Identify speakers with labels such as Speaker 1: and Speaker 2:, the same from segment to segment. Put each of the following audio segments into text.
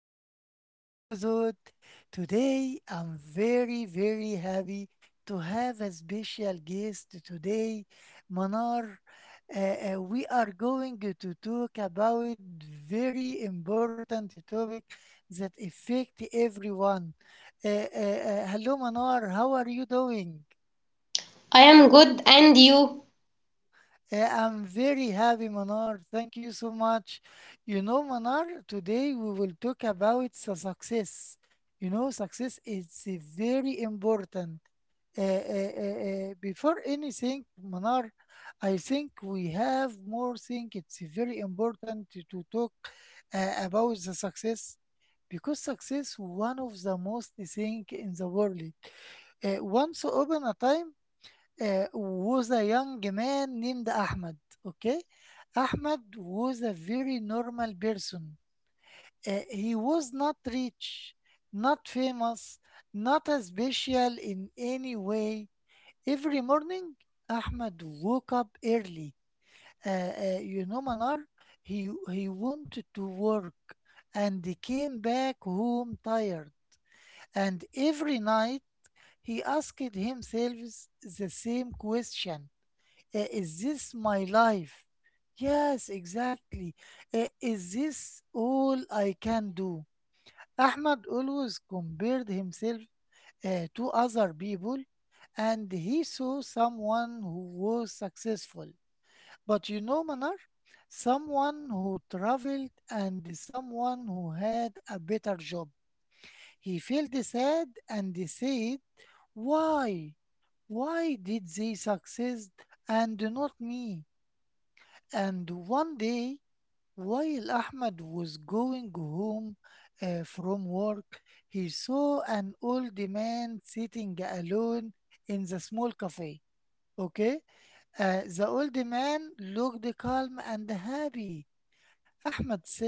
Speaker 1: our new episode. Today, I'm very, very happy to have a special guest today, Manar. Uh, we are going to talk about very important topic that affect everyone. Hello, Manar. How are you doing?
Speaker 2: I am good, and you?
Speaker 1: I'm very happy, Manar. Thank you so much. You know, Manar, today we will talk about the success. You know, success is a very important. Before anything, Manar, I think we have more thing. It's very important to talk about the success because success one of the most thing in the world. Once upon a time was a young man named Ahmad. Okay, Ahmad was a very normal person. He was not rich, not famous, not a special in any way. Every morning, Ahmad woke up early. You know, Manar, he wanted to work and he came back home tired. And every night, he asked himself the same question, is this my life? Yes, exactly. Is this all I can do? Ahmad always compared himself to other people and he saw someone who was successful. But you know, Manar, someone who traveled and someone who had a better job. He felt sad and he said, why? Why did they succeed and not me? And one day, while Ahmed was going home from work, he saw an old man sitting alone in the small cafe. Okay? The old man looked calm and happy. Ahmad sat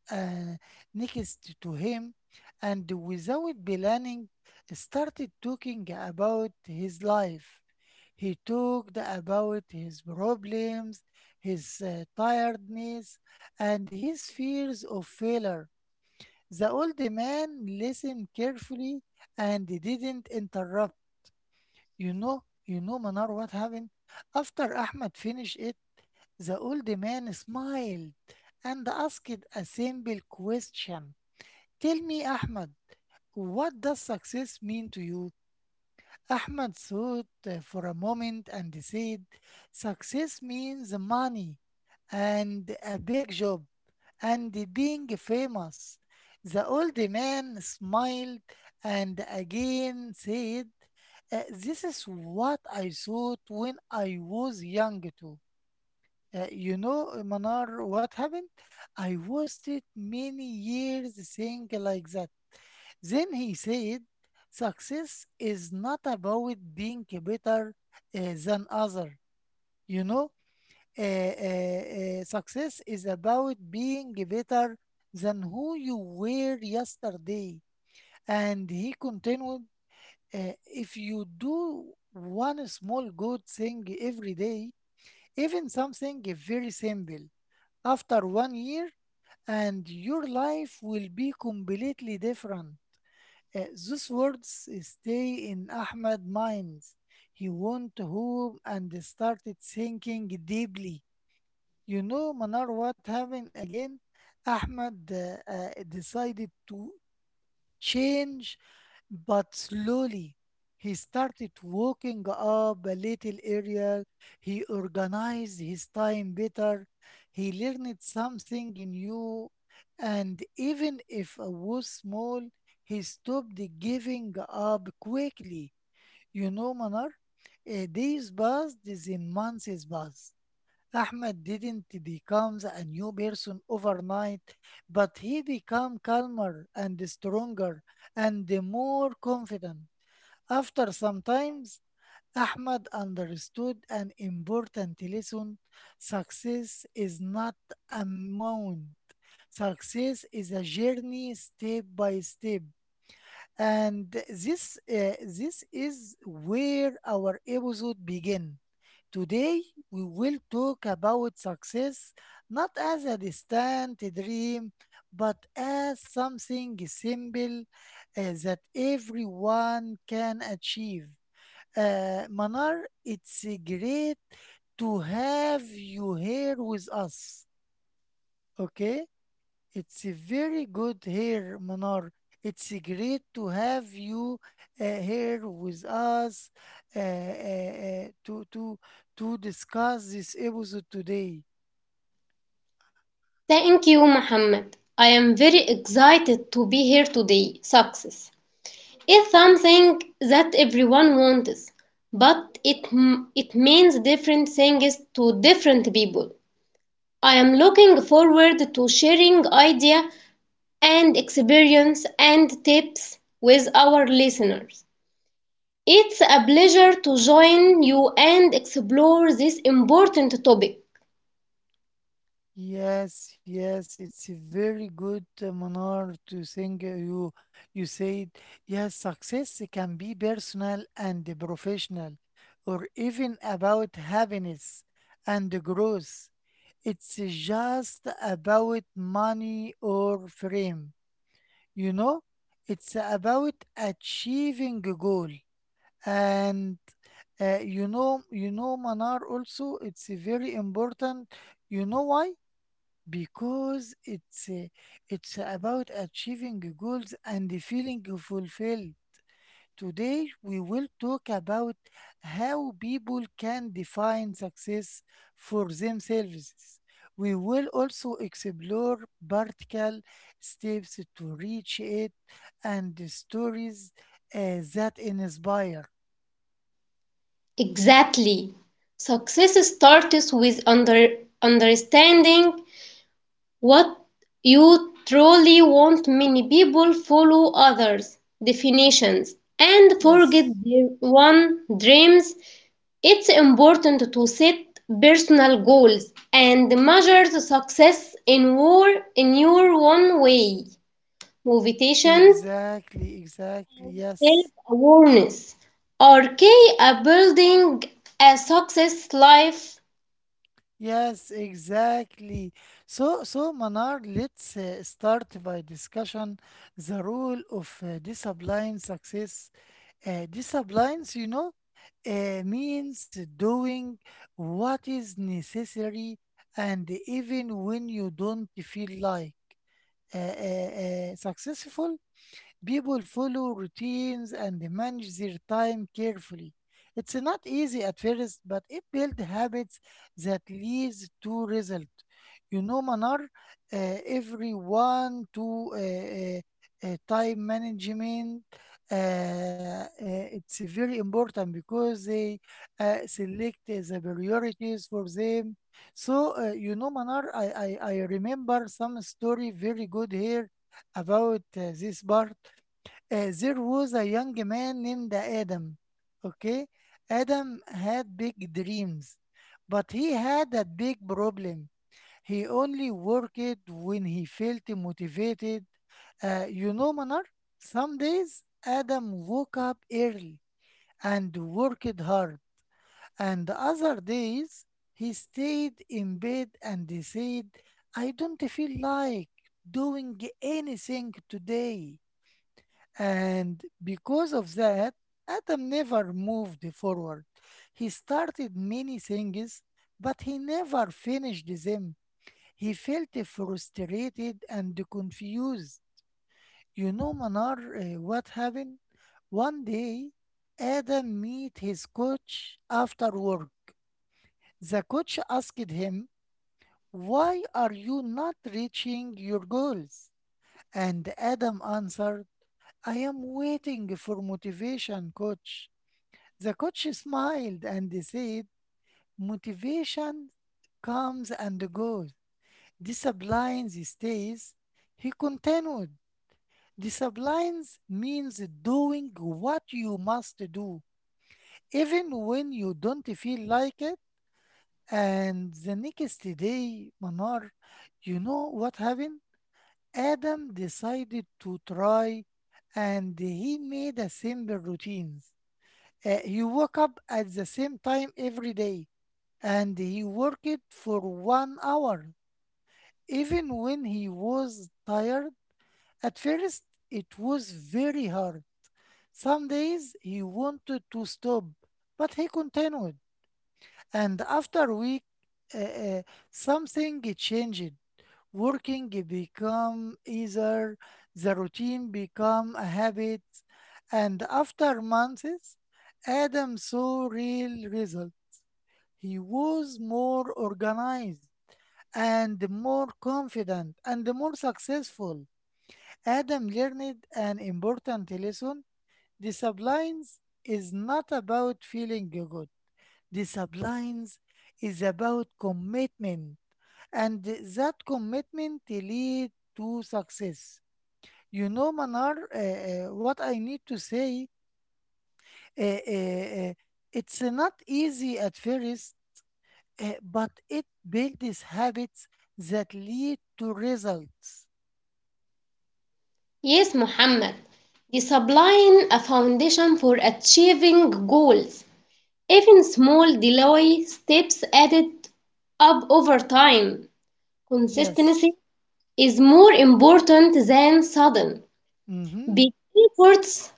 Speaker 1: uh, next to him, and, without planning, started talking about his life. He talked about his problems, his tiredness, and his fears of failure. The old man listened carefully and didn't interrupt. You know, Manar, what happened? After Ahmed finished it, the old man smiled and asked a simple question. Tell me, Ahmed, what does success mean to you? Ahmed thought for a moment and said, success means money and a big job and being famous. The old man smiled and again said, this is what I thought when I was young too. You know, Manar, what happened? I wasted many years saying like that." Then he said, success is not about being better than other. You know, uh, uh, success is about being better than who you were yesterday. And he continued, if you do one small good thing every day, even something very simple. After 1 year, and your life will be completely different. Those words stay in Ahmed's mind. He went home and started thinking deeply. You know, Manar, what happened again? Ahmed decided to change, but slowly, he started walking up a little area. He organized his time better. He learned something new. And even if it was small, he stopped giving up quickly. You know, Manar, days passed, then months passed. Ahmed didn't become a new person overnight, but he became calmer and stronger and more confident. After some time, Ahmed understood an important lesson. Success is not a mountain. Success is a journey step by step. And this is where our episode begins. Today, we will talk about success not as a distant dream, but as something simple that everyone can achieve. Manar, it's great to have you here with us. Okay? It's a very good here, Manar. It's a great to have you here with us uh, uh, uh, to to to discuss this episode today.
Speaker 2: Thank you, Mohammed. I am very excited to be here today. Success is something that everyone wants, but it means different things to different people. I am looking forward to sharing idea and experience and tips with our listeners. It's a pleasure to join you and explore this important topic.
Speaker 1: Yes, yes, it's a very good manner to think. You said yes, success can be personal and professional, or even about happiness and growth. It's just about money or fame. You know, it's about achieving a goal, and you know, Manar also. It's very important. You know why? Because it's about achieving goals and feeling fulfilled. Today we will talk about how people can define success for themselves. We will also explore practical steps to reach it and the stories that inspire.
Speaker 2: Exactly. Success starts with understanding what you truly want. Many people follow others' definitions and forget
Speaker 1: Yes,
Speaker 2: their own dreams. It's important to set personal goals and measure the success in your own way. Motivations,
Speaker 1: exactly, exactly.
Speaker 2: self
Speaker 1: Yes.
Speaker 2: awareness are key a building a success life.
Speaker 1: Yes, exactly. So Manar, let's start by discussion the role of discipline success. Disciplines, you know, means doing what is necessary, and even when you don't feel like uh, uh, successful. People follow routines and they manage their time carefully. It's not easy at first, but it builds habits that leads to result. You know, Manar, everyone to time management. It's very important because they select the priorities for them. So, you know, Manar, I remember some story very good here about this part, there was a young man named Adam. Okay, Adam had big dreams, but he had a big problem. He only worked when he felt motivated. You know, Manar, some days Adam woke up early and worked hard, and other days he stayed in bed and he said, I don't feel like doing anything today. And because of that, Adam never moved forward. He started many things, but he never finished them. He felt frustrated and confused. You know, Manar, what happened? One day, Adam met his coach after work. The coach asked him, why are you not reaching your goals? And Adam answered, I am waiting for motivation, coach. The coach smiled and said, motivation comes and goes. Discipline stays. He continued, discipline means doing what you must do, even when you don't feel like it. And the next day, Manar, you know what happened? Adam decided to try and he made a simple routines. You woke up at the same time every day and he worked for 1 hour. Even when he was tired, at first it was very hard. Some days he wanted to stop, but he continued. And after a week, uh, uh, something changed. Working become easier, the routine become a habit, and after months, Adam saw real results. He was more organized and more confident and more successful. Adam learned an important lesson. Discipline is not about feeling good. Discipline is about commitment, and that commitment leads to success. You know, Manar, what I need to say, uh, uh, uh, it's not easy at first but it builds habits that lead to results.
Speaker 2: Yes, Muhammad. They supplying a foundation for achieving goals. Even small delay steps added up over time. Consistency
Speaker 1: Yes.
Speaker 2: is more important than sudden.
Speaker 1: Mm-hmm.
Speaker 2: Big efforts,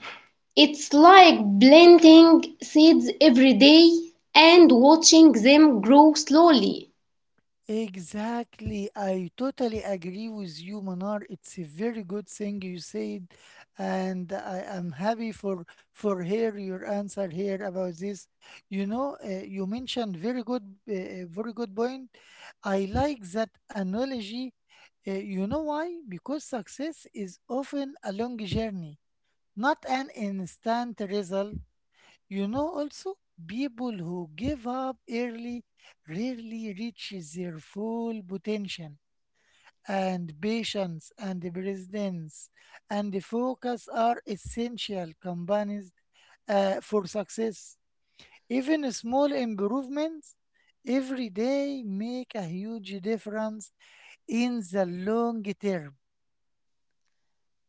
Speaker 2: it's like planting seeds every day and watching them grow slowly.
Speaker 1: Exactly. I totally agree with you, Manar. It's a very good thing you said, and I am happy for hear your answer here about this. You know, you mentioned very good, very good point. I like that analogy. You know why? Because success is often a long journey not an instant result. You know, also, people who give up early rarely reach their full potential, and patience and presence and the focus are essential companies for success. Even small improvements every day make a huge difference in the long term.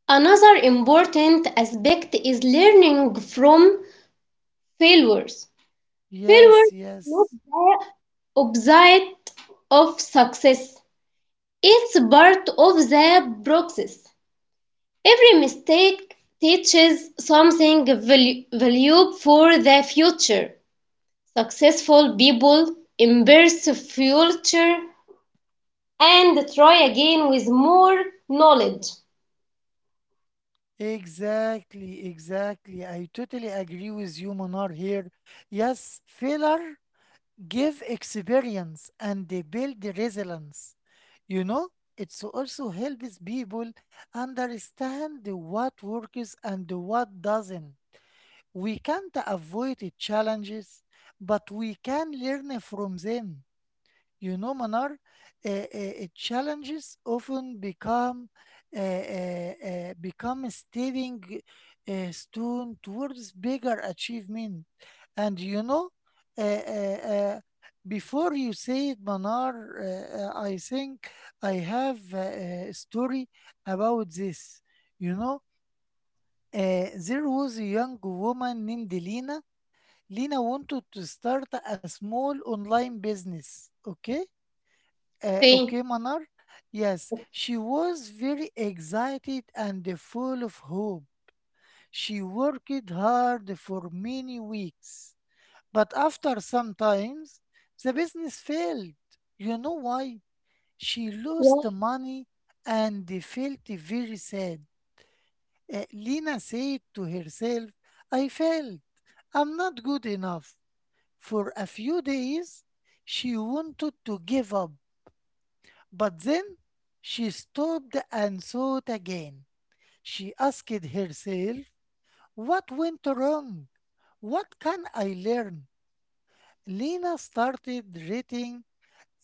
Speaker 2: Another important aspect is learning from failures. Failure
Speaker 1: Yes,
Speaker 2: is not
Speaker 1: yes.
Speaker 2: the opposite of success. It's part of the process. Every mistake teaches something valuable for the future. Successful people embrace the future and try again with more knowledge.
Speaker 1: Exactly, exactly. I totally agree with you, Monar. Here. Yes, failure give experience and they build the resilience. You know, it also helps people understand what works and what doesn't. We can't avoid the challenges, but we can learn from them. You know, Manar, challenges often become become a stepping stone towards bigger achievement. And you know, uh, uh, uh, before you say it, Manar, I think I have a story about this. You know, there was a young woman named Lena. Lena wanted to start a small online business. Okay
Speaker 2: Okay,
Speaker 1: okay, Manar? Yes, she was very excited and full of hope. She worked hard for many weeks. But after some times, the business failed. You know why? She lost the money and they felt very sad. Lena said to herself, I failed. I'm not good enough. For a few days, she wanted to give up. But then she stopped and thought again. She asked herself, what went wrong? What can I learn? Lena started writing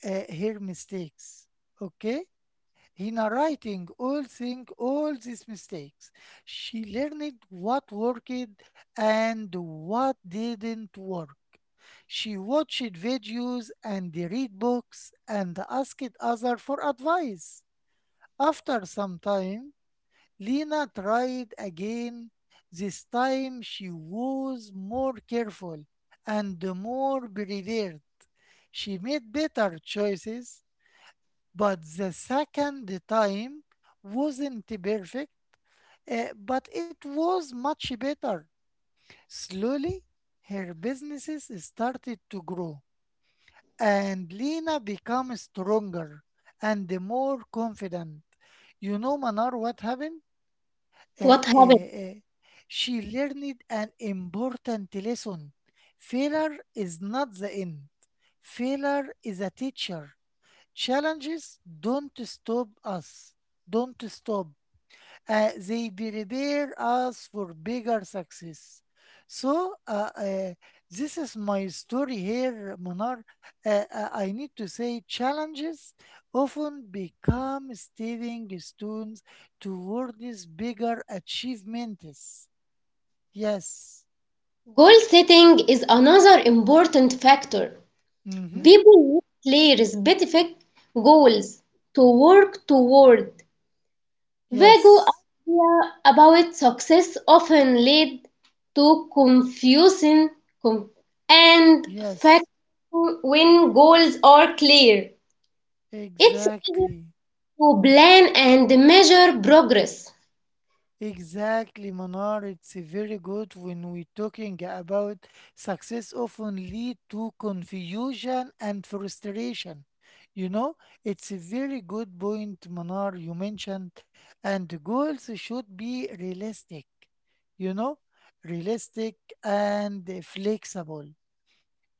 Speaker 1: her mistakes. Okay? In writing all these mistakes, she learned what worked and what didn't work. She watched videos and read books and asked others for advice. After some time, Lena tried again. This time she was more careful and more prepared. She made better choices, but the second time wasn't perfect, but it was much better. Slowly, her businesses started to grow, and Lena became stronger and more confident. You know, Manar, what happened? uh,
Speaker 2: what
Speaker 1: uh,
Speaker 2: happened?
Speaker 1: uh, she learned an important lesson. Failure is not the end. Failure is a teacher. Challenges don't stop us. Don't stop they prepare us for bigger success. So this is my story here, Monar. I need to say challenges often become stepping stones towards bigger achievements. Yes.
Speaker 2: Goal setting is another important factor.
Speaker 1: Mm-hmm.
Speaker 2: People play respective goals to work toward. Vague
Speaker 1: Yes.
Speaker 2: ideas about success often lead to confusion com- and fact
Speaker 1: Yes.
Speaker 2: when goals are clear. It's easier
Speaker 1: Exactly.
Speaker 2: to plan and measure progress.
Speaker 1: Exactly, Manar. It's very good when we're talking about success often lead to confusion and frustration. You know, it's a very good point, Manar, you mentioned. And goals should be realistic, you know, realistic and flexible.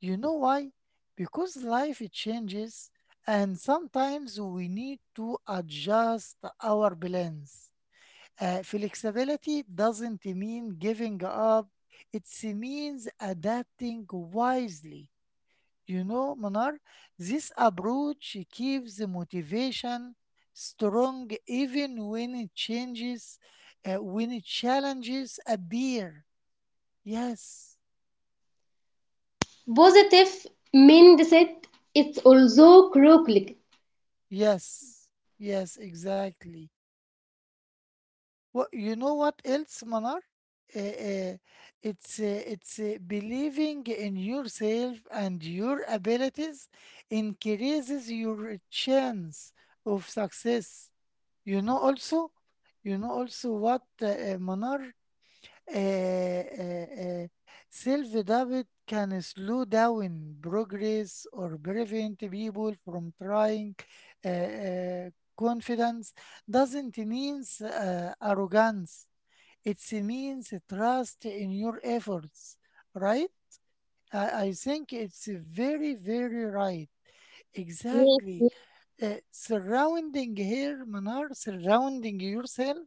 Speaker 1: You know why? Because life it changes, and sometimes we need to adjust our plans. Flexibility doesn't mean giving up, it means adapting wisely. You know, Manar, this approach keeps the motivation strong even when it changes, when it challenges appear. Yes,
Speaker 2: Positive mindset is also critical.
Speaker 1: yes, yes, exactly. Well, you know what else, Manar? Uh, uh, it's believing in yourself and your abilities increases your chance of success. You know also, you know also what Manar uh, uh, uh, self-doubt can slow down progress or prevent people from trying. Uh, uh, Confidence doesn't mean arrogance, it means trust in your efforts, right? I think it's very, very right. Exactly. Surrounding yourself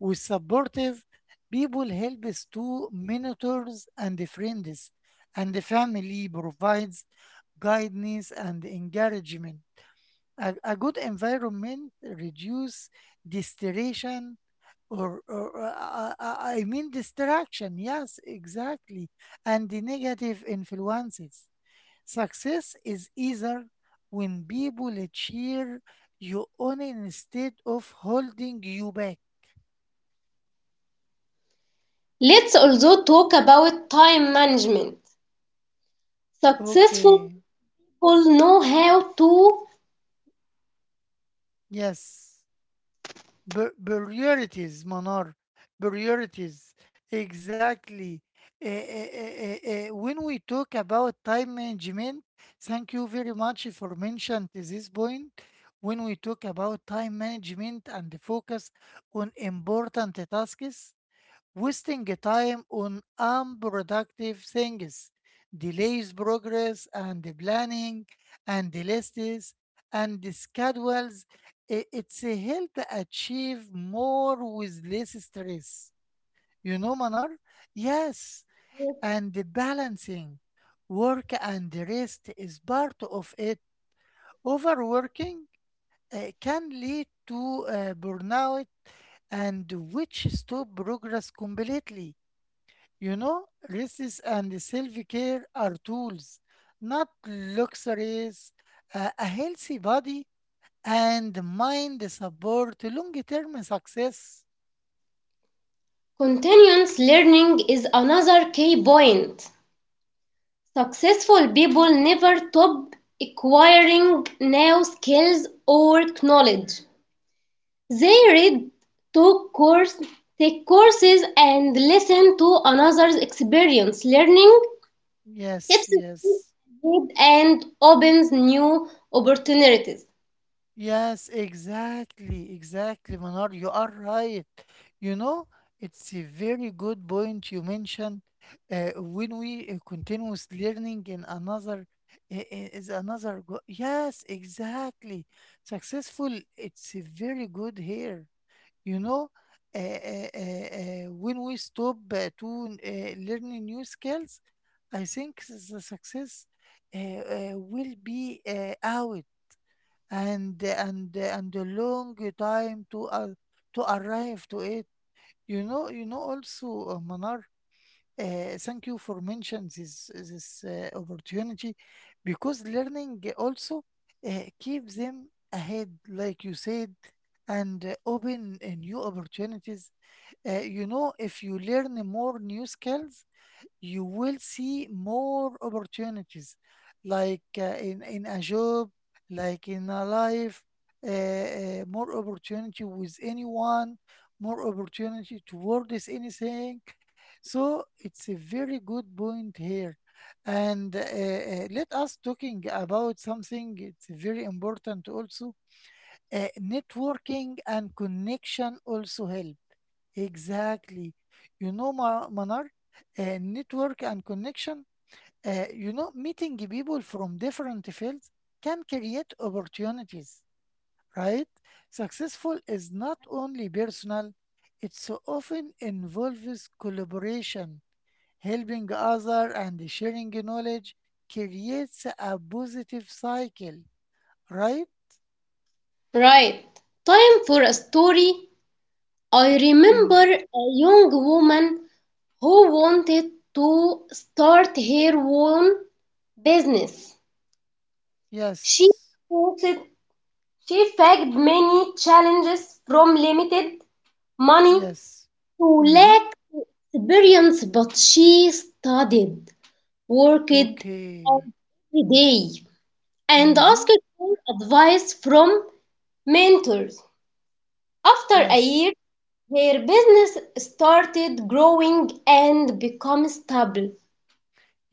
Speaker 1: with supportive people helps, to mentors and friends, and the family provides guidance and encouragement. A good environment reduces distraction or I mean distraction. Yes, exactly. And the negative influences. Success is easier when people cheer you on instead of holding you back.
Speaker 2: Let's also talk about time management. Successful
Speaker 1: Okay.
Speaker 2: people know how to.
Speaker 1: Yes. Priorities, Manar, priorities. Exactly. Eh, eh, eh, eh, when we talk about time management, thank you very much for mentioning this point. When we talk about time management and the focus on important tasks, wasting time on unproductive things delays progress, and the planning and the lists and the schedules. It's a help achieve more with less stress. You know, Manar? Yes. And the balancing work and the rest is part of it. Overworking can lead to burnout and which stop progress completely. You know, rest and self-care are tools, not luxuries. A healthy body and mind support long-term success.
Speaker 2: Continuous learning is another key point. Successful people never stop acquiring new skills or knowledge. They read, took course, take courses, and listen to another's experience. Learning
Speaker 1: Yes,
Speaker 2: keeps them
Speaker 1: yes.
Speaker 2: engaged and opens new opportunities.
Speaker 1: Yes, exactly, exactly, Manar. You are right. You know, it's a very good point you mentioned. When we continuous learning in another is another go, yes, exactly. Successful, it's a very good here. You know, when we stop to learning new skills, I think the success will be out, and a long time to arrive to it. You know, you know. Also, Manar, thank you for mentioning this opportunity, because learning also keeps them ahead, like you said, and open new opportunities. You know, if you learn more new skills, you will see more opportunities, like in a job, like in a life, more opportunity with anyone, more opportunity towards anything. So it's a very good point here, and let us talking about something it's very important also, networking and connection also help. Exactly. You know, Manar, network and connection, you know, meeting people from different fields can create opportunities, right? Successful is not only personal, it so often involves collaboration, helping other and sharing knowledge creates a positive cycle, right?
Speaker 2: Right. Time for a story. I remember
Speaker 1: Mm.
Speaker 2: a young woman who wanted to start her own business. She
Speaker 1: Yes.
Speaker 2: faced, she faced many challenges from limited money
Speaker 1: Yes.
Speaker 2: to
Speaker 1: Mm-hmm.
Speaker 2: lack experience, but she studied, worked
Speaker 1: Okay.
Speaker 2: hard every day, and asked
Speaker 1: Mm-hmm.
Speaker 2: for advice from mentors. After a year,
Speaker 1: Yes.
Speaker 2: her business started growing and become stable.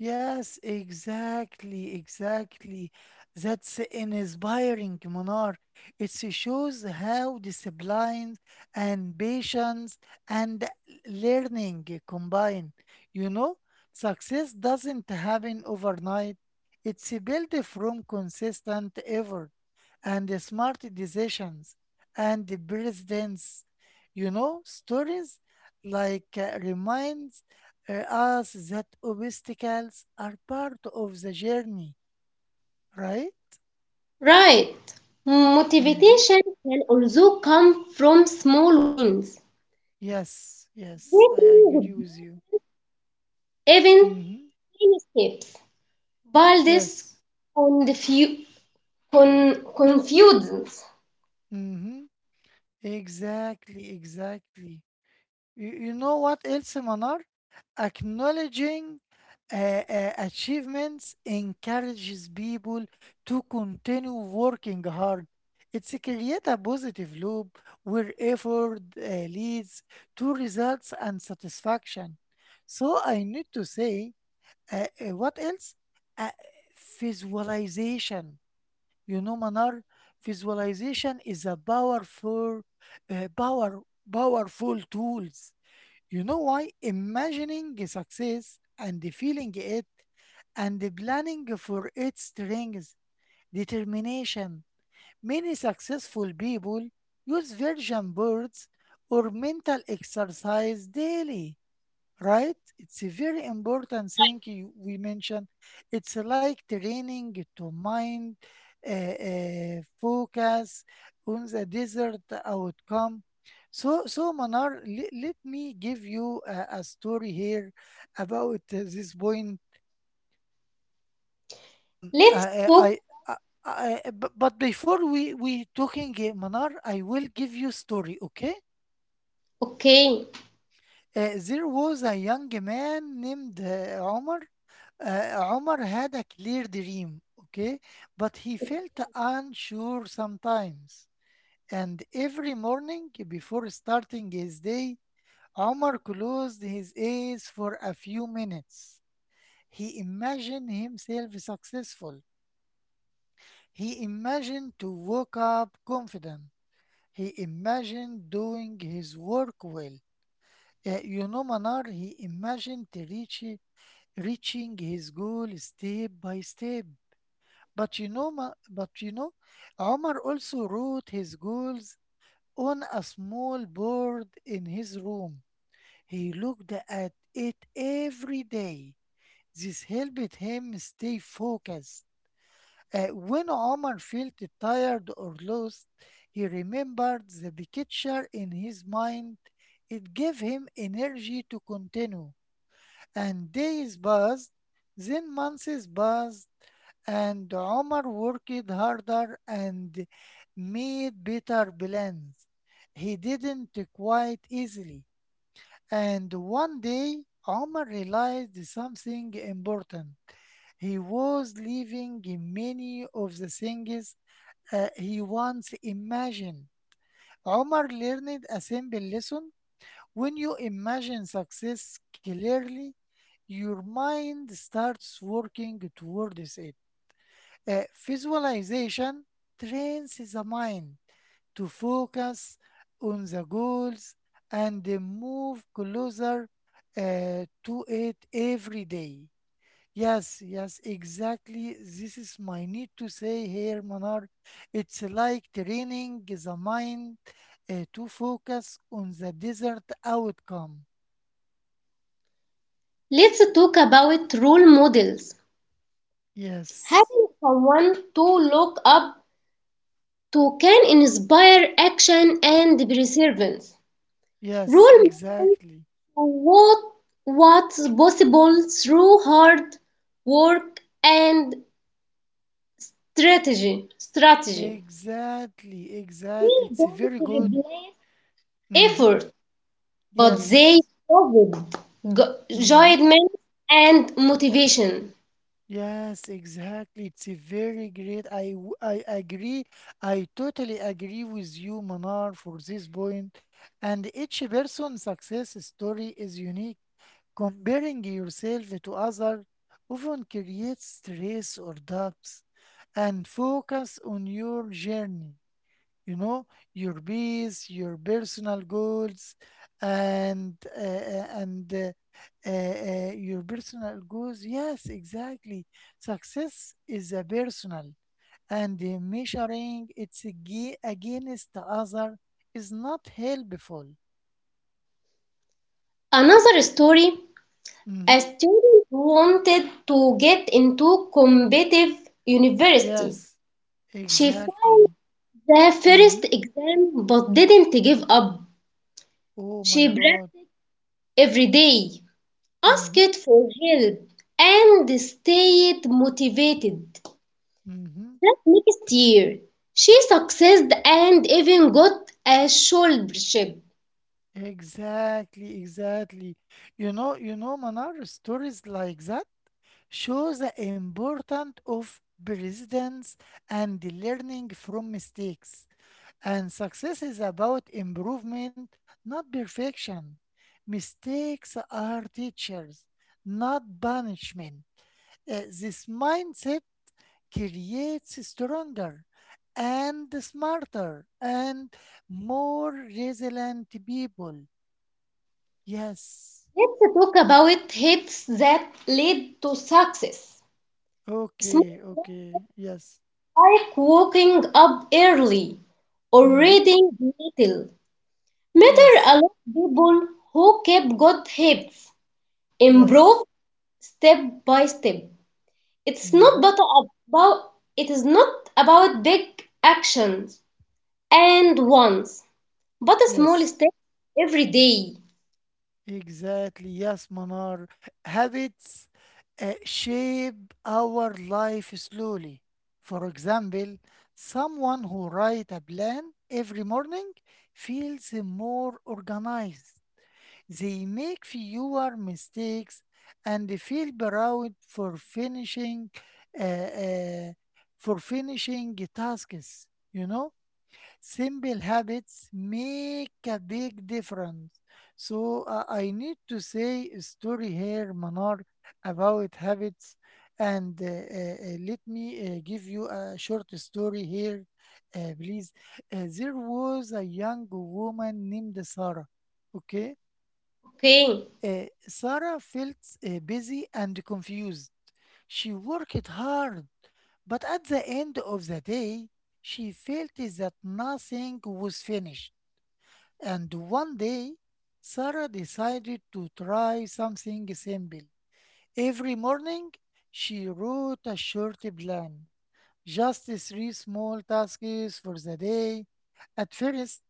Speaker 1: Yes, exactly, exactly. That's inspiring, Munar. It shows how discipline and patience and learning combine. You know, success doesn't happen overnight. It's built from consistent effort and smart decisions and precedents. You know, stories like reminds us that obstacles are part of the journey, right?
Speaker 2: Right.
Speaker 1: Hmm.
Speaker 2: Motivation can also come from small wins,
Speaker 1: Yes, yes, I agree
Speaker 2: breaking
Speaker 1: with you.
Speaker 2: even
Speaker 1: Hmm.
Speaker 2: tiny steps. But this
Speaker 1: Yes.
Speaker 2: confu- confusions.
Speaker 1: Hmm. Exactly, exactly. You know what else, Manar? Acknowledging uh, achievements encourages people to continue working hard. It's create a positive loop where effort leads to results and satisfaction. So I need to say, what else? Uh, Visualization. You know, Manar, visualization is a powerful, uh, power, powerful tools. You know why? Imagining success and feeling it and planning for its strength, determination. Many successful people use vision boards or mental exercise daily, right? It's a very important thing you, we mentioned. It's like training to mind, focus on the desired outcome. So, so Manar, let me give you a story here about this point.
Speaker 2: Let's
Speaker 1: I,
Speaker 2: talk.
Speaker 1: I, I, but before we talking, Manar, I will give you story, okay?
Speaker 2: Okay,
Speaker 1: There was a young man named Omar. Omar had a clear dream, okay, but he felt unsure sometimes. And every morning before starting his day, Omar closed his eyes for a few minutes. He imagined himself successful. He imagined to wake up confident. He imagined doing his work well. You know, Manar, he imagined to reaching his goal step by step. But you know, but you know, Omar also wrote his goals on a small board in his room. He looked at it every day. This helped him stay focused. When Omar felt tired or lost, he remembered the picture in his mind. It gave him energy to continue. And days passed, then months passed, and Omar worked harder and made better plans. He didn't quite easily. And one day, Omar realized something important. He was leaving many of the things he once imagined. Omar learned a simple lesson. When you imagine success clearly, your mind starts working towards it. Visualization trains the mind to focus on the goals and move closer to it every day. Yes, yes, exactly. This is my need to say here, Manar. It's like training the mind to focus on the desired outcome.
Speaker 2: let's talk about role models.
Speaker 1: Yes,
Speaker 2: Having someone to look up to can inspire action and perseverance. Role
Speaker 1: yes,
Speaker 2: model
Speaker 1: exactly.
Speaker 2: to what what's possible through hard work and strategy. Strategy,
Speaker 1: Exactly, exactly. It's very good. Mm-hmm.
Speaker 2: effort, but they
Speaker 1: Yes.
Speaker 2: with
Speaker 1: Mm-hmm.
Speaker 2: judgment and motivation.
Speaker 1: Yes, exactly. It's a very great. I agree. I totally agree with you, Manar, for this point. And each person's success story is unique. Comparing yourself to others often creates stress or doubts, and focus on your journey. You know, your peace, your personal goals, and your personal goals, yes, exactly. Success is a personal, and measuring it's against the other is not helpful.
Speaker 2: Another story:
Speaker 1: Mm-hmm.
Speaker 2: a student wanted to get into competitive
Speaker 1: Yes,
Speaker 2: university. She failed
Speaker 1: exactly.
Speaker 2: the
Speaker 1: Mm-hmm.
Speaker 2: first exam but didn't give up.
Speaker 1: Oh
Speaker 2: She
Speaker 1: my god.
Speaker 2: practiced every day,
Speaker 1: Mm-hmm.
Speaker 2: asked for help, and stayed motivated.
Speaker 1: Mm-hmm.
Speaker 2: That next year, she succeeded and even got a scholarship.
Speaker 1: Exactly, exactly. You know, you know, Manar, stories like that shows the importance of persistence and learning from mistakes. And success is about improvement, not perfection. Mistakes are teachers, not punishment. This mindset creates stronger and smarter and more resilient people. Yes.
Speaker 2: Let's talk about habits that lead to success. Small
Speaker 1: Okay,
Speaker 2: goals
Speaker 1: okay. Yes.
Speaker 2: like waking up early or
Speaker 1: Mm-hmm.
Speaker 2: reading little matter a
Speaker 1: Yes.
Speaker 2: lot people who keep good habits,
Speaker 1: Yes.
Speaker 2: improve step by step. It's not
Speaker 1: Hmm.
Speaker 2: but about it is not about big actions and once, but a small
Speaker 1: Yes,
Speaker 2: step every day.
Speaker 1: exactly. Yes, Manar. Habits shape our life slowly. For example, someone who writes a plan every morning feels more organized. They make fewer mistakes and they feel proud for finishing uh, uh, for finishing tasks. You know, simple habits make a big difference. So I need to say a story here, Manar, about habits. And let me give you a short story here, please. There was a young woman named Sarah. Okay.
Speaker 2: Okay.
Speaker 1: Sarah felt busy and confused. She worked hard, but at the end of the day, she felt that nothing was finished. And one day, Sarah decided to try something simple. Every morning, she wrote a short plan, just three small tasks for the day. At first,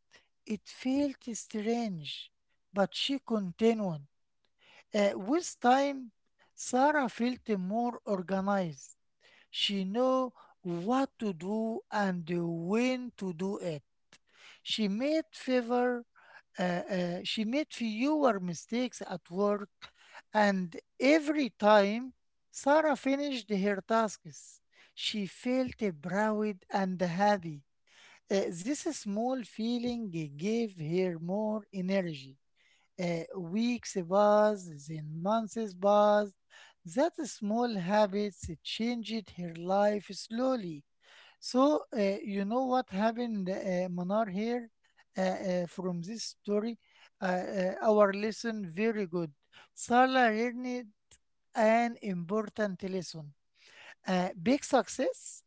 Speaker 1: it felt strange, but she continued. With time, Sarah felt more organized. She knew what to do and when to do it. She made favor, uh, she made fewer mistakes at work, and every time Sarah finished her tasks, she felt proud and happy. This small feeling gave her more energy. Uh, Weeks passed, then months passed. That small habits changed her life slowly. So, you know what happened, Manar, here from this story? Our lesson very good. Salah learned an important lesson. Big success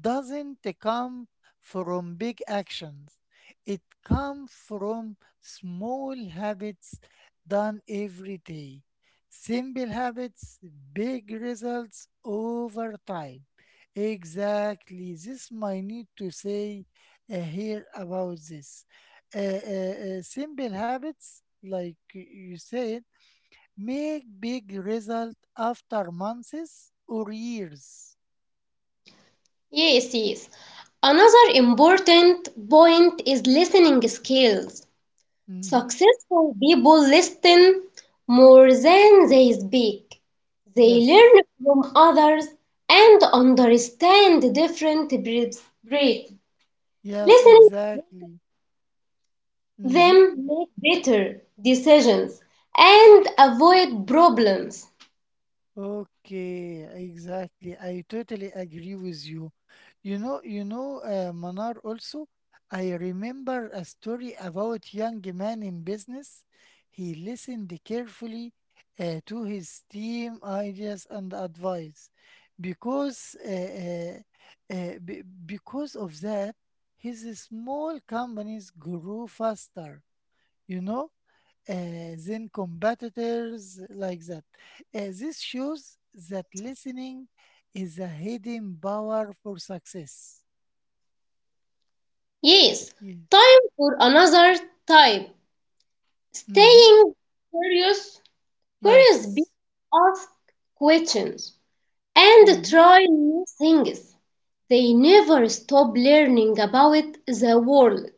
Speaker 1: doesn't come from big actions, it comes from small habits done every day. Simple habits, big results over time. Exactly, this might need to say here about this. Simple habits, like you said, make big result after months or years.
Speaker 2: Yes, yes. Another important point is listening skills.
Speaker 1: Mm-hmm.
Speaker 2: Successful people listen more than they speak. They
Speaker 1: Yes.
Speaker 2: learn from others and understand different perspectives.
Speaker 1: Yes,
Speaker 2: Listening
Speaker 1: exactly. Mm-hmm.
Speaker 2: them make better decisions and avoid problems.
Speaker 1: Okay, exactly. I totally agree with you. You know, Manar also, I remember a story about young man in business. He listened carefully to his team ideas and advice. Because because of that, his small companies grew faster. You know, than competitors like that. This shows that listening is a hidden power for success.
Speaker 2: Yes,
Speaker 1: Yes.
Speaker 2: time for another type.
Speaker 1: Mm-hmm.
Speaker 2: Staying curious, curious people
Speaker 1: Yes.
Speaker 2: ask questions and
Speaker 1: Mm-hmm.
Speaker 2: try new things. They never stop learning about the world.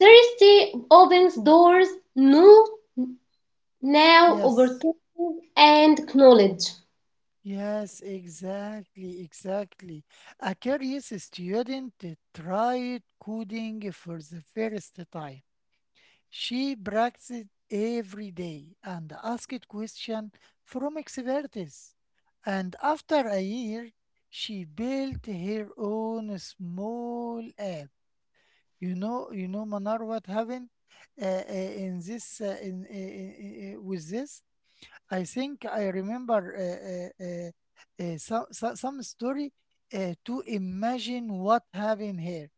Speaker 2: Thirsty opens doors, new now
Speaker 1: Yes.
Speaker 2: opportunities and knowledge.
Speaker 1: Yes, exactly, exactly. A curious student tried coding for the first time. She practiced every day and asked questions from experts. And after a year, she built her own small app. You know, Manar, what happened in this? In with this, I think I remember some story to imagine what happened here.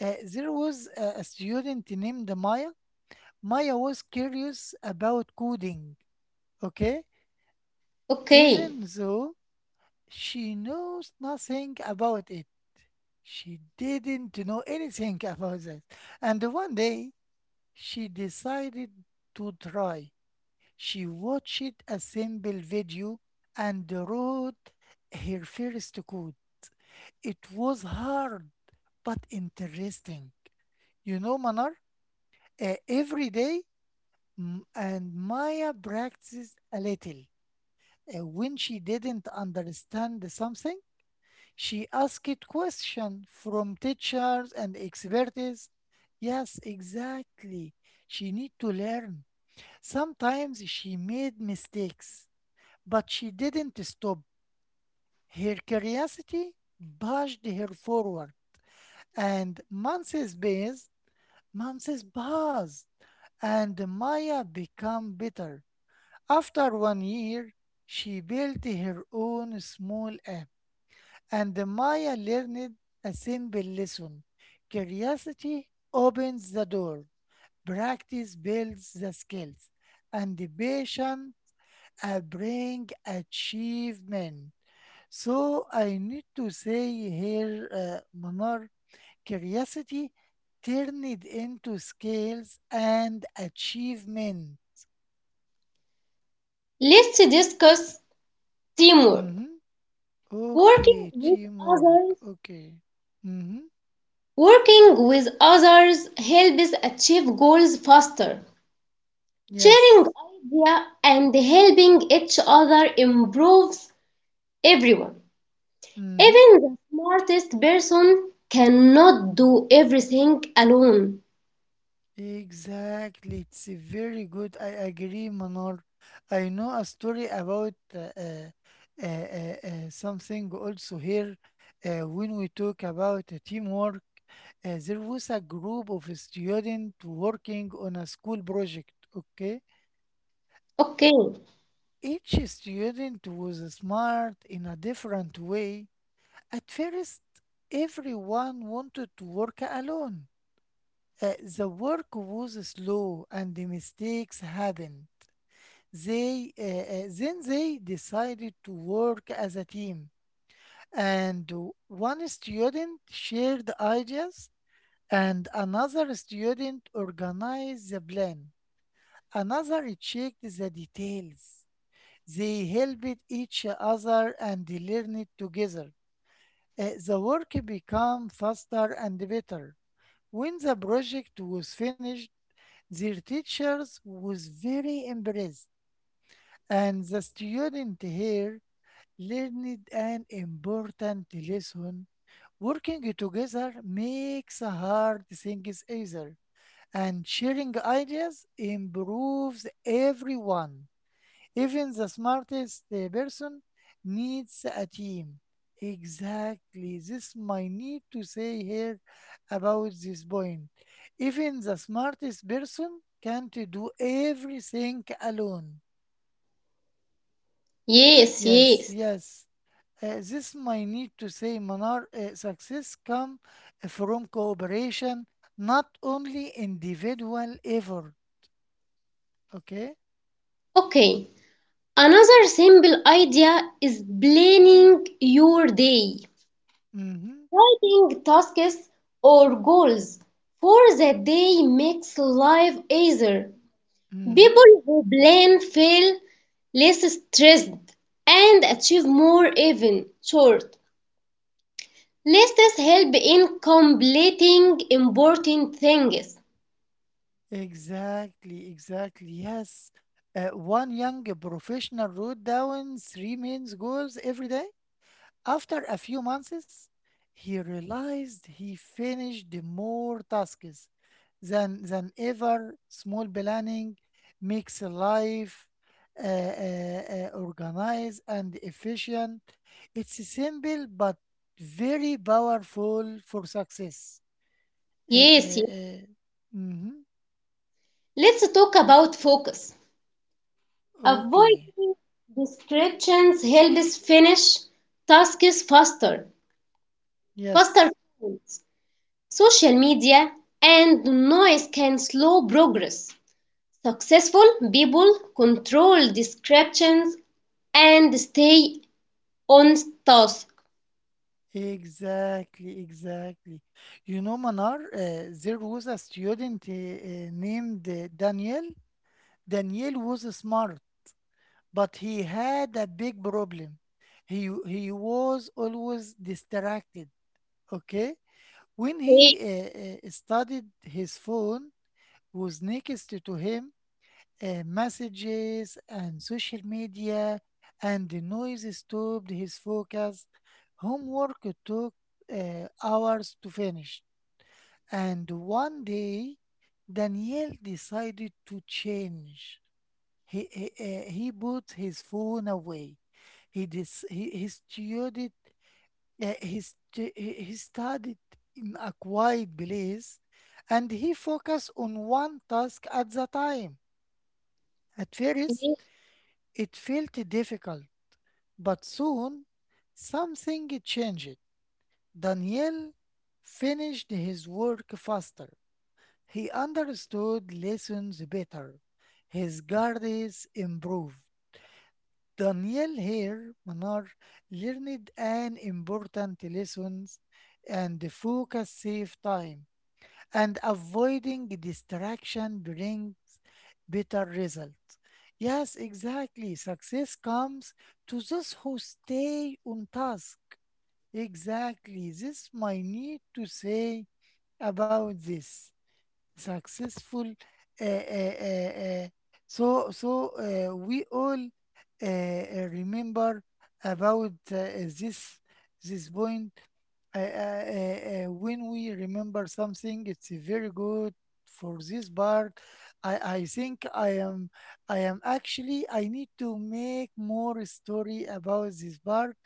Speaker 1: There was a student named Maya. Maya was curious about coding, okay?
Speaker 2: Okay,
Speaker 1: Even though she knows nothing about it, she didn't know anything about that. And one day, she decided to try. She watched a simple video and wrote her first code. It was hard, but interesting. You know, Manar, every day, and Maya practiced a little. When she didn't understand something, she asked question from teachers and experts. Yes, exactly. She need to learn. Sometimes she made mistakes, but she didn't stop. Her curiosity pushed her forward, and passed, months passed, and Maya became better. After one year, she built her own small app and the Maya learned a simple lesson. Curiosity opens the door, practice builds the skills, and the patient bring achievement. So I need to say here, Manar, curiosity turned into skills and achievement.
Speaker 2: let's discuss teamwork.
Speaker 1: Mhm.
Speaker 2: Working
Speaker 1: Okay,
Speaker 2: with
Speaker 1: teamwork.
Speaker 2: others.
Speaker 1: Okay. Hmm.
Speaker 2: Working with others helps achieve goals faster. Sharing
Speaker 1: Yes.
Speaker 2: idea and helping each other improves everyone.
Speaker 1: Mm-hmm.
Speaker 2: Even the smartest person cannot do everything alone.
Speaker 1: Exactly, it's a very good. I agree, Manar. I know a story about something also here. When we talk about teamwork, there was a group of students working on a school project. Okay,
Speaker 2: Okay.
Speaker 1: each student was smart in a different way. At first, everyone wanted to work alone. Uh, the work was slow and the mistakes happened. They then they decided to work as a team, and one student shared ideas, and another student organized the plan. Another checked the details. They helped each other and learned together. The work became faster and better. When the project was finished, their teachers was very impressed and the student here learned an important lesson. Working together makes hard things easier, and sharing ideas improves everyone. Even the smartest person needs a team. Exactly, this my need to say here about this point. Even the smartest person can't do everything alone.
Speaker 2: Yes,
Speaker 1: Yes,
Speaker 2: yes.
Speaker 1: yes. This my need to say Manar, success come from cooperation, not only individual effort. Okay.
Speaker 2: Okay. Another simple idea is planning your day.
Speaker 1: Mm-hmm.
Speaker 2: Writing tasks or goals for the day makes life easier.
Speaker 1: Mm-hmm.
Speaker 2: People who plan feel less stressed and achieve more even short. Lists help in completing important things.
Speaker 1: Exactly. Exactly. Yes. One young professional wrote down three main goals every day. After a few months, he realized he finished more tasks than ever. Small planning makes life organized and efficient. It's simple but very powerful for success. Uh,
Speaker 2: Yes,
Speaker 1: uh,
Speaker 2: yes.
Speaker 1: uh, mhm.
Speaker 2: Let's talk about focus.
Speaker 1: Okay.
Speaker 2: Avoiding distractions helps finish tasks faster. Faster.
Speaker 1: Yes.
Speaker 2: Social media and noise can slow progress. Successful people control distractions and stay on task.
Speaker 1: Exactly. Exactly. You know, Manar, there was a student named Daniel. Daniel was smart but he had a big problem. He was always distracted. Okay, when he
Speaker 2: Ye-
Speaker 1: studied, his phone was next to him. Messages and social media and the noise stopped his focus. Homework took hours to finish, and one day Daniel decided to change. He put his phone away. He dis he studied he, stu- he studied in a quiet place and he focused on one task at the time. At first, it felt difficult, but soon something changed. Daniel finished his work faster. He understood lessons better. His guards improved. Daniel here, Manar, learned an important lesson, and focus save time and avoiding distraction brings better results. Yes, exactly. Success comes to those who stay on task. Exactly. This might need to say about this successful uh, uh, uh, uh, so we all remember about this this point when we remember something, it's very good for this part. I think I am actually, I need to make more story about this part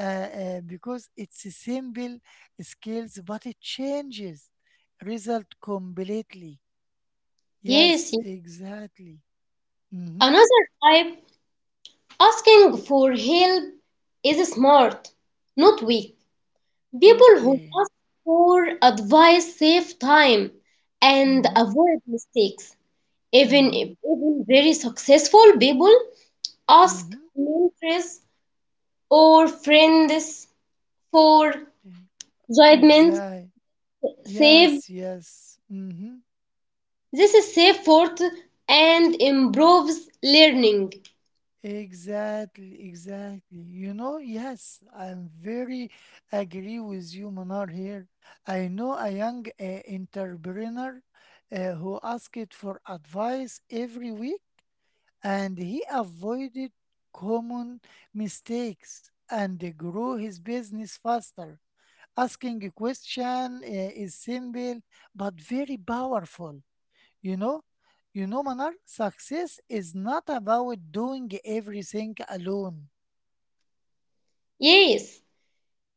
Speaker 1: because it's a simple skills but it changes result completely. Yes,
Speaker 2: Yes, yes.
Speaker 1: exactly. Mm-hmm.
Speaker 2: Another type, asking for help is smart, not weak. People who
Speaker 1: Okay.
Speaker 2: ask for advice save time and
Speaker 1: Mm-hmm.
Speaker 2: avoid mistakes. Even,
Speaker 1: Mm-hmm.
Speaker 2: even very successful people ask
Speaker 1: Mm-hmm.
Speaker 2: mentors or friend this for judgments,
Speaker 1: Exactly.
Speaker 2: save
Speaker 1: Yes, yes. Mm-hmm.
Speaker 2: this is save forth and improves learning.
Speaker 1: Exactly, exactly. You know, yes, I'm very agree with you, Manar, here. I know a young entrepreneur who asked for advice every week and he avoided common mistakes and grew his business faster. Asking a question is simple but very powerful. You know, you know, Manar, success is not about doing everything alone.
Speaker 2: Yes,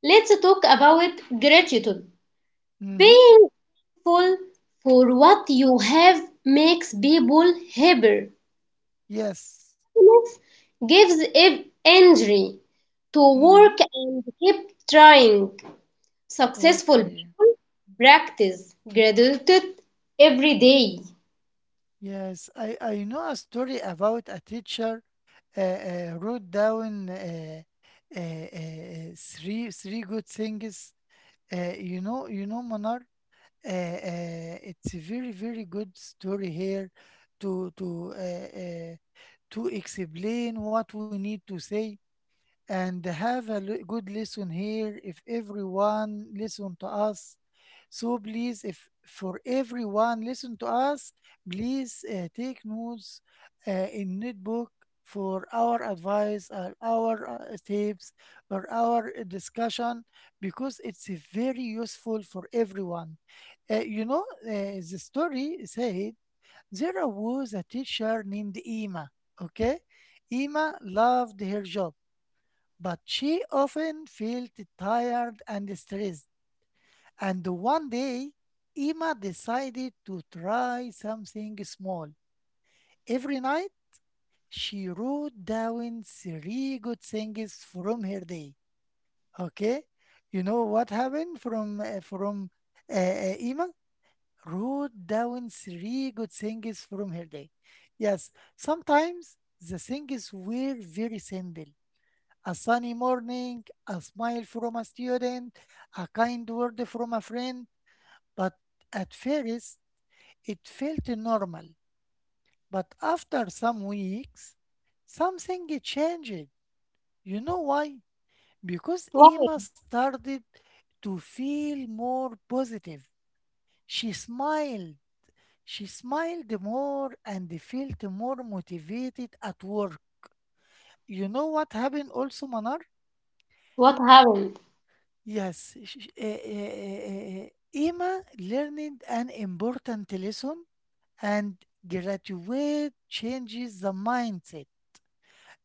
Speaker 2: let's talk about gratitude.
Speaker 1: Mm-hmm.
Speaker 2: Being full for what you have makes people happier.
Speaker 1: Yes.
Speaker 2: Happiness gives energy to work
Speaker 1: Mm-hmm.
Speaker 2: and keep trying. Successful
Speaker 1: Okay.
Speaker 2: people practice gratitude every day.
Speaker 1: Yes, I know a story about a teacher wrote down three good things. You know, you know, Manar. Uh, it's a very very good story here to to explain what we need to say and have a l- good lesson here if everyone listen to us. So please, if for everyone listen to us, please take notes in notebook for our advice or our tips or our discussion, because it's very useful for everyone. You know, the story said there was a teacher named Ima. Okay, Ima loved her job but she often felt tired and stressed. And one day, Emma decided to try something small. Every night, she wrote down three good things from her day. Okay? You know what happened from Emma? Wrote down three good things from her day. Yes, sometimes the things were very simple: a sunny morning, a smile from a student, a kind word from a friend. But at first, it felt normal. But after some weeks, something changed. You know why? Because Emma
Speaker 2: Why?
Speaker 1: started to feel more positive. She smiled. She smiled more and felt more motivated at work. You know what happened also, Manar?
Speaker 2: What happened?
Speaker 1: Yes, sh sh Emma learned an important lesson and graduate changes the mindset.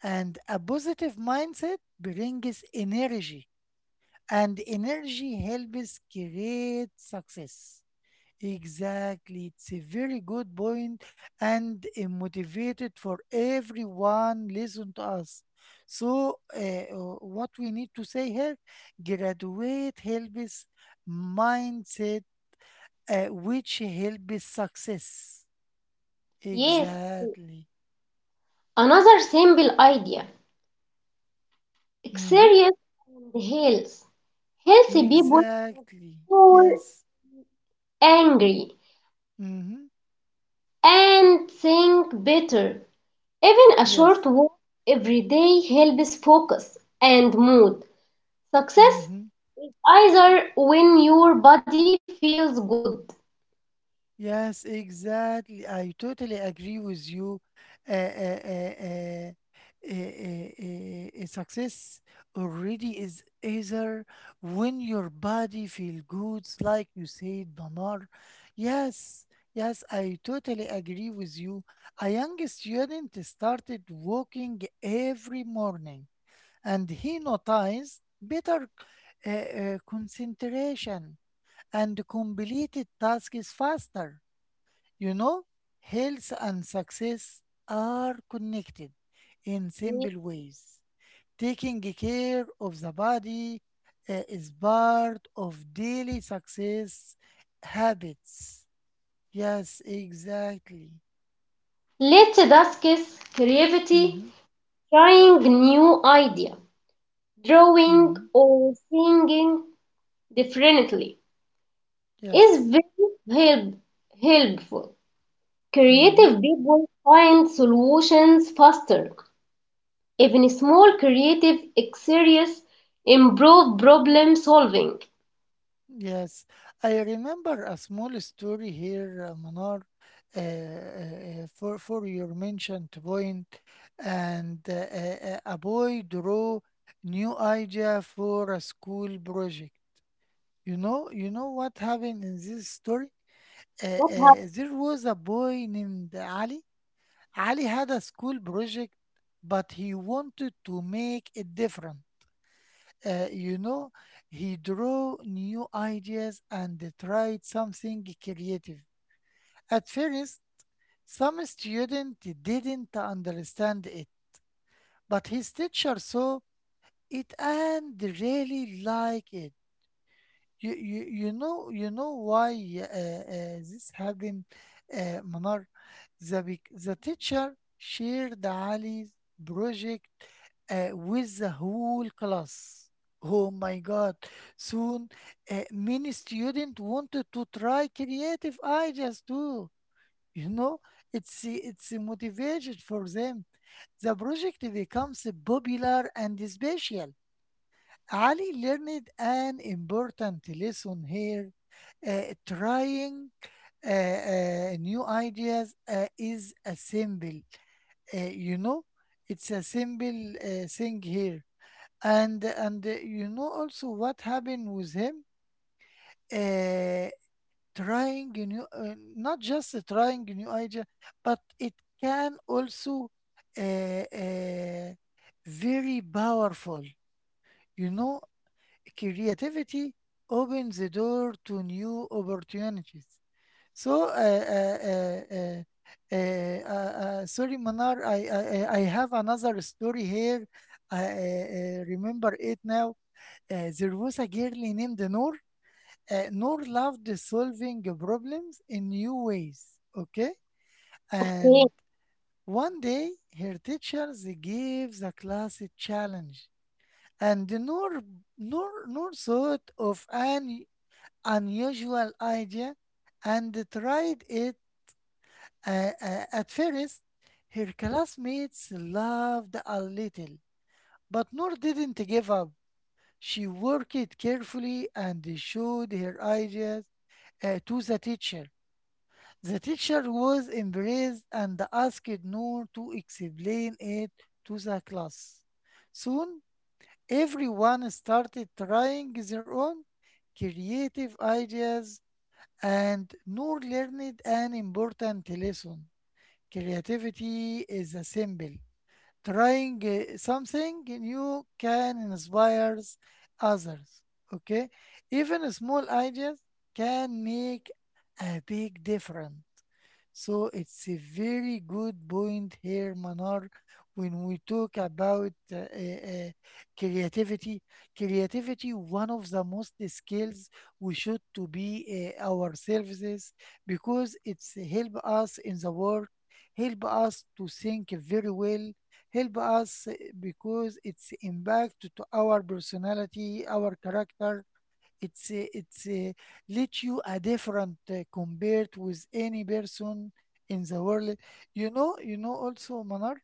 Speaker 1: And a positive mindset brings energy, and energy helps create success. Exactly. It's a very good point and motivated for everyone listen to us. So what we need to say here, graduate helps mindset which helps success.
Speaker 2: Yes,
Speaker 1: Exactly.
Speaker 2: another simple idea.
Speaker 1: Mm-hmm.
Speaker 2: Exercise and health. Healthy people
Speaker 1: Exactly.
Speaker 2: more
Speaker 1: Yes.
Speaker 2: angry
Speaker 1: Mm-hmm.
Speaker 2: and think better. Even a short
Speaker 1: Yes.
Speaker 2: walk every day helps focus and mood. Success
Speaker 1: Mm-hmm.
Speaker 2: is either when your body feels good.
Speaker 1: Yes, exactly. I totally agree with you. Uh, uh, uh, uh, success already is either when your body feel good, like you said, Banar. Yes, yes, I totally agree with you. A young student started walking every morning, and he noticed better concentration and completed tasks faster. You know, health and success are connected in simple ways. Taking care of the body is part of daily success habits. Yes, exactly.
Speaker 2: Let's discuss creativity,
Speaker 1: Mm-hmm,
Speaker 2: trying new idea, drawing
Speaker 1: mm-hmm,
Speaker 2: or singing differently. is
Speaker 1: yes.
Speaker 2: very help, helpful.
Speaker 1: Mm-hmm.
Speaker 2: Creative people find solutions faster. Even small creative exercises improve problem solving.
Speaker 1: Yes, I remember a small story here, Manar, uh, uh, for your mentioned point, and a boy drew new idea for a school project. You know what happened in this story? Uh,
Speaker 2: What
Speaker 1: uh,
Speaker 2: happened?
Speaker 1: there was a boy named Ali. Ali had a school project, but he wanted to make it different. You know, he drew new ideas and tried something creative. At first, some students didn't understand it, but his teacher saw it and really liked it. You know, why, yeah, this happened, Manar? The teacher shared Ali's project with the whole class. Oh my God! Soon, many students wanted to try creative ideas too. You know, it's a motivation for them. The project becomes popular and special. Ali learned an important lesson here. Trying new ideas is a symbol. You know, it's a symbol thing here. And you know also what happened with him. Uh, trying a new, not just trying a new idea, but it can also uh, uh, very powerful. You know, creativity opens the door to new opportunities. So, sorry, Manar, I have another story here. I remember it now. There was a girl named Noor. Noor loved solving problems in new ways. Okay.
Speaker 2: Yes,
Speaker 1: And one day, her teachers gave the class a challenge. And Noor Nor, nor thought of an unusual idea and tried it. At first, her classmates laughed a little, but Noor didn't give up. She worked carefully and showed her ideas to the teacher. The teacher was embraced and asked Noor to explain it to the class. Soon, everyone started trying their own creative ideas. And Noor learned an important lesson. Creativity is a symbol. Trying something new can inspire others. Okay, even small ideas can make a big difference. So it's a very good point here, Manar, when we talk about creativity. Creativity, one of the most skills we should to be our services, because it's help us in the work, help us to think very well, help us, because it's impact to our personality, our character. It's let you a different compared with any person in the world. You know also, Manar.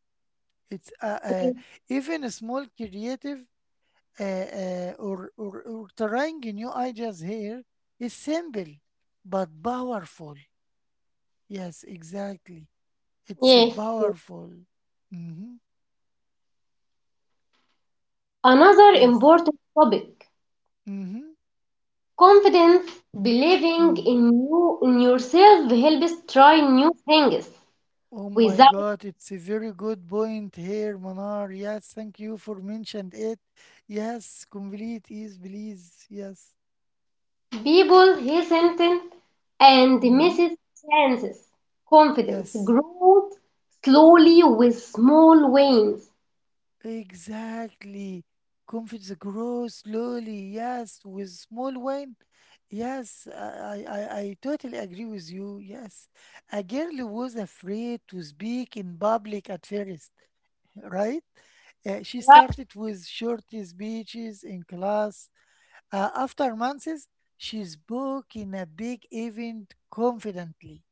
Speaker 1: It's even a small creative or trying new ideas here is simple but powerful. Yes, exactly. It's
Speaker 2: yes. Yes.
Speaker 1: powerful. Hmm.
Speaker 2: Another
Speaker 1: Yes.
Speaker 2: important topic.
Speaker 1: Mm-hmm.
Speaker 2: Confidence, believing
Speaker 1: Mm-hmm.
Speaker 2: in yourself helps try new things
Speaker 1: Oh my
Speaker 2: without.
Speaker 1: God, it's a very good point here, Manar. Yes, thank you for mentioned it. Yes, complete is please. Yes.
Speaker 2: People hesitant and
Speaker 1: Mm-hmm.
Speaker 2: misses chances. Confidence
Speaker 1: Yes.
Speaker 2: grows slowly with small wins.
Speaker 1: Exactly. Confidence grows slowly. Yes, with small win. Yes, I totally agree with you. Yes. A girl was afraid to speak in public at first, right? She
Speaker 2: Right.
Speaker 1: started with short speeches in class. After months, she spoke in a big event confidently,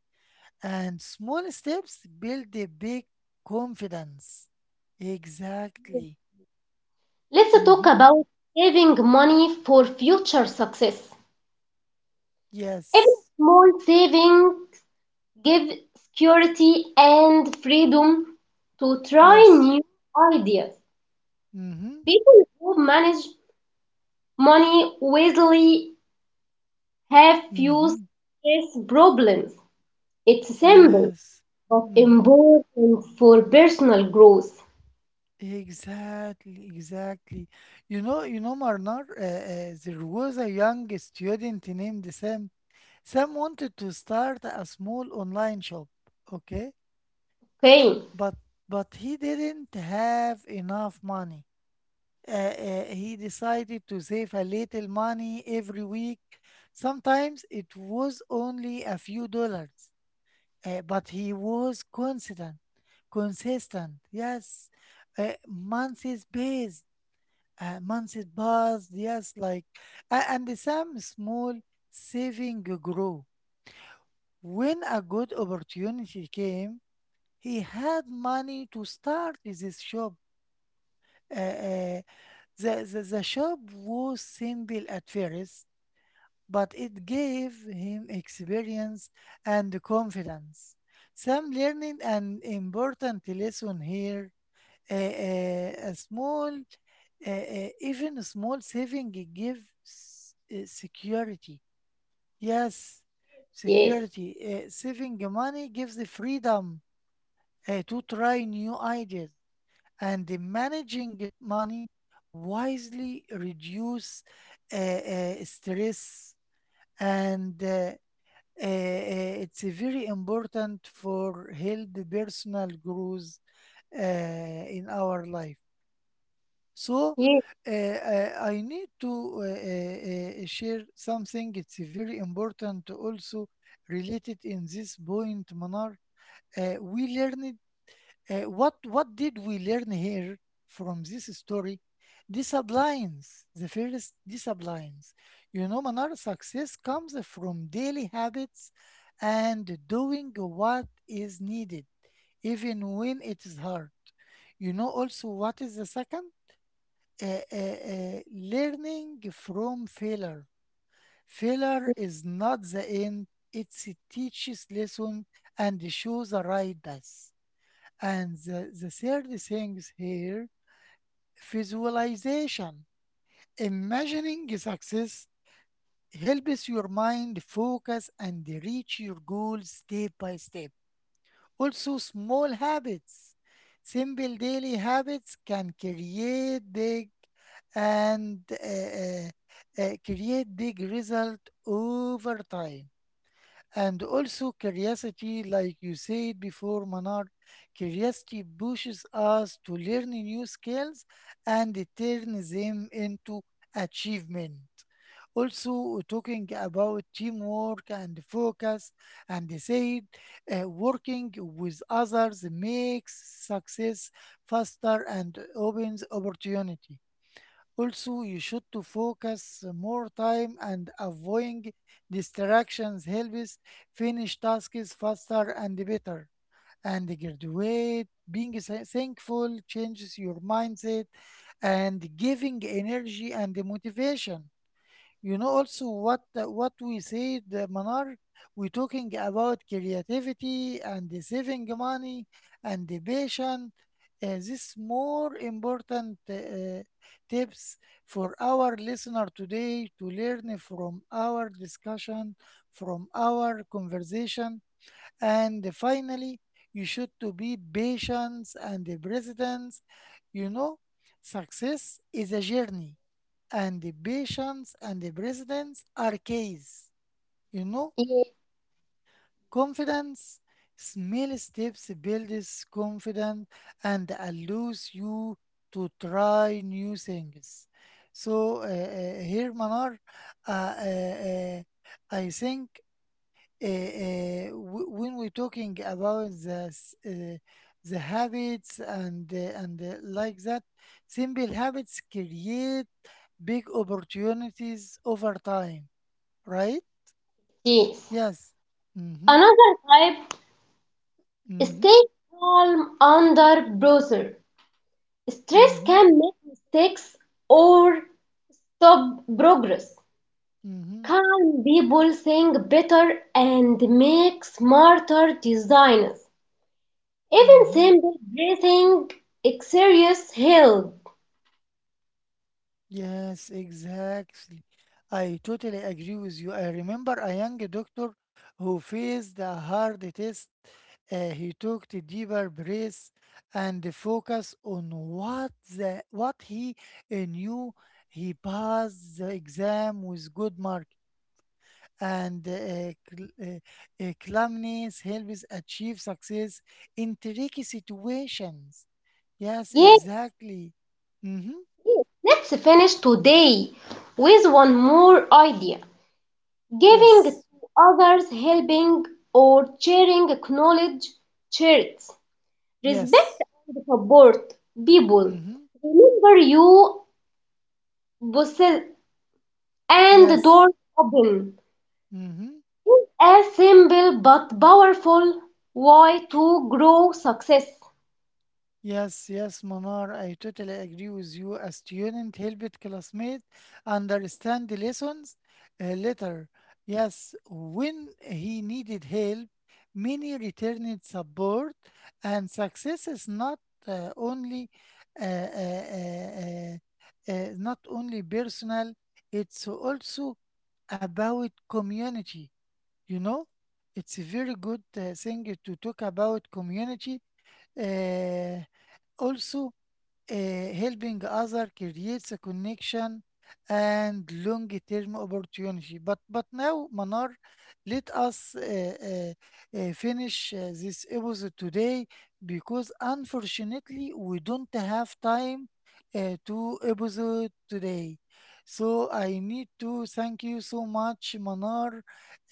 Speaker 1: and small steps build a big confidence. Exactly.
Speaker 2: Let's talk
Speaker 1: Mm-hmm.
Speaker 2: about saving money for future success. Every
Speaker 1: Yes.
Speaker 2: small saving gives security and freedom to try
Speaker 1: Yes.
Speaker 2: new ideas.
Speaker 1: Mm-hmm.
Speaker 2: People who manage money wisely have few
Speaker 1: Mm-hmm.
Speaker 2: stress problems. It's simple
Speaker 1: Yes.
Speaker 2: of
Speaker 1: Mm-hmm.
Speaker 2: important for personal growth.
Speaker 1: Exactly. Exactly. Marnar, there was a young student named Sam. Sam wanted to start a small online shop. Okay.
Speaker 2: Okay,
Speaker 1: but but he didn't have enough money. He decided to save a little money every week. Sometimes it was only a few dollars, but he was consistent. Consistent, yes. Months is based. Months is buzzed, yes. Like and some small saving grew. When a good opportunity came, he had money to start this shop. Uh, uh, the shop was simple at first, but it gave him experience and confidence. Some learning an important lesson here. Uh, uh, a small, Even a small saving gives security. Yes,
Speaker 2: yes,
Speaker 1: security. Saving money gives the freedom to try new ideas, and the managing it money wisely reduce stress, and it's a very important for healthy personal growth in our life. So
Speaker 2: yes,
Speaker 1: I need to share something, it's very important also related in this point, Manar. We learned, what did we learn here from this story? These sublines, the first these sublines. You know, Manar, success comes from daily habits and doing what is needed, even when it is hard. You know, also what is the second? Learning from failure. Failure is not the end. It teaches lesson and shows the right path. And the third thing here, visualization. Imagining success helps your mind focus and reach your goals step by step. Also, small habits. Simple daily habits can create big and create big result over time. And also curiosity, like you said before, Manar, curiosity pushes us to learn new skills and turn them into achievement. Also, talking about teamwork and focus, and they said, working with others makes success faster and opens opportunity. Also, you should to focus more time, and avoiding distractions helps finish tasks faster and better. And graduate, being thankful changes your mindset and giving energy and motivation. You know, also what we said, Manar, we talking about creativity and the saving money and the patient. This more important tips for our listener today to learn from our discussion, from our conversation. And finally, you should to be patient and the presidents. You know, success is a journey, and the patience and the presidents are keys. You know,
Speaker 2: yes,
Speaker 1: confidence, small steps builds confidence and allows you to try new things. So here, Manar, uh, uh, uh, I think w- when we're talking about the habits and like that, simple habits create big opportunities over time, right?
Speaker 2: yes.
Speaker 1: Yes. Mm-hmm.
Speaker 2: Another type
Speaker 1: Mm-hmm.
Speaker 2: stay calm under pressure. Stress
Speaker 1: Mm-hmm.
Speaker 2: can make mistakes or stop progress.
Speaker 1: Mm-hmm.
Speaker 2: Calm people think better and make smarter decisions. Even
Speaker 1: Mm-hmm.
Speaker 2: simple breathing exercises help.
Speaker 1: Yes, exactly. I totally agree with you. I remember a young doctor who faced a hard test. He took the deeper breaths and focused on what he knew. He passed the exam with good marks, and calmness helps achieve success in tricky situations. Yes,
Speaker 2: Yes,
Speaker 1: exactly. Mm-hmm.
Speaker 2: yes. Let's finish today with one more idea. Giving to
Speaker 1: Yes.
Speaker 2: others, helping or sharing, acknowledge, cherish, respect
Speaker 1: Yes.
Speaker 2: and support people.
Speaker 1: Mm-hmm.
Speaker 2: Remember you possess and door
Speaker 1: Yes.
Speaker 2: open
Speaker 1: Mm-hmm.
Speaker 2: is a simple but powerful way to grow success.
Speaker 1: Yes, yes, Manar, I totally agree with you. A student helped classmate understand the lessons later. Yes, when he needed help, many returned support, and success is not only uh, uh, uh, uh, not only personal. It's also about community. You know, it's a very good thing to talk about community. uh, Also, uh, helping other creates a connection and long-term opportunity. But now, Manar, let us finish this episode today, because unfortunately we don't have time to episode today. So I need to thank you so much, Manar,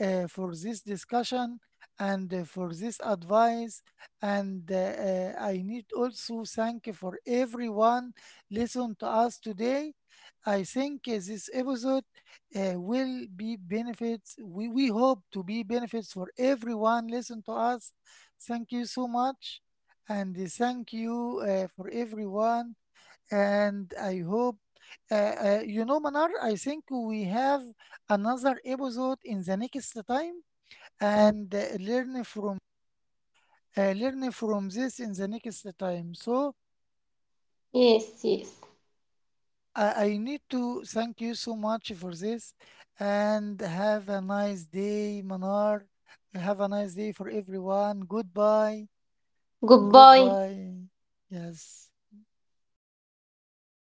Speaker 1: for this discussion and for this advice, and I need also thank you for everyone listen to us today. I think this episode will be benefits. We hope to be benefits for everyone listen to us. Thank you so much, and thank you for everyone. And I hope you know, Manar, I think we have another episode in the next time and learn from this in the next time. So
Speaker 2: Yes, yes.
Speaker 1: I need to thank you so much for this, and have a nice day, Manar. Have a nice day for everyone. Goodbye.
Speaker 2: Goodbye.
Speaker 1: Goodbye. Yes.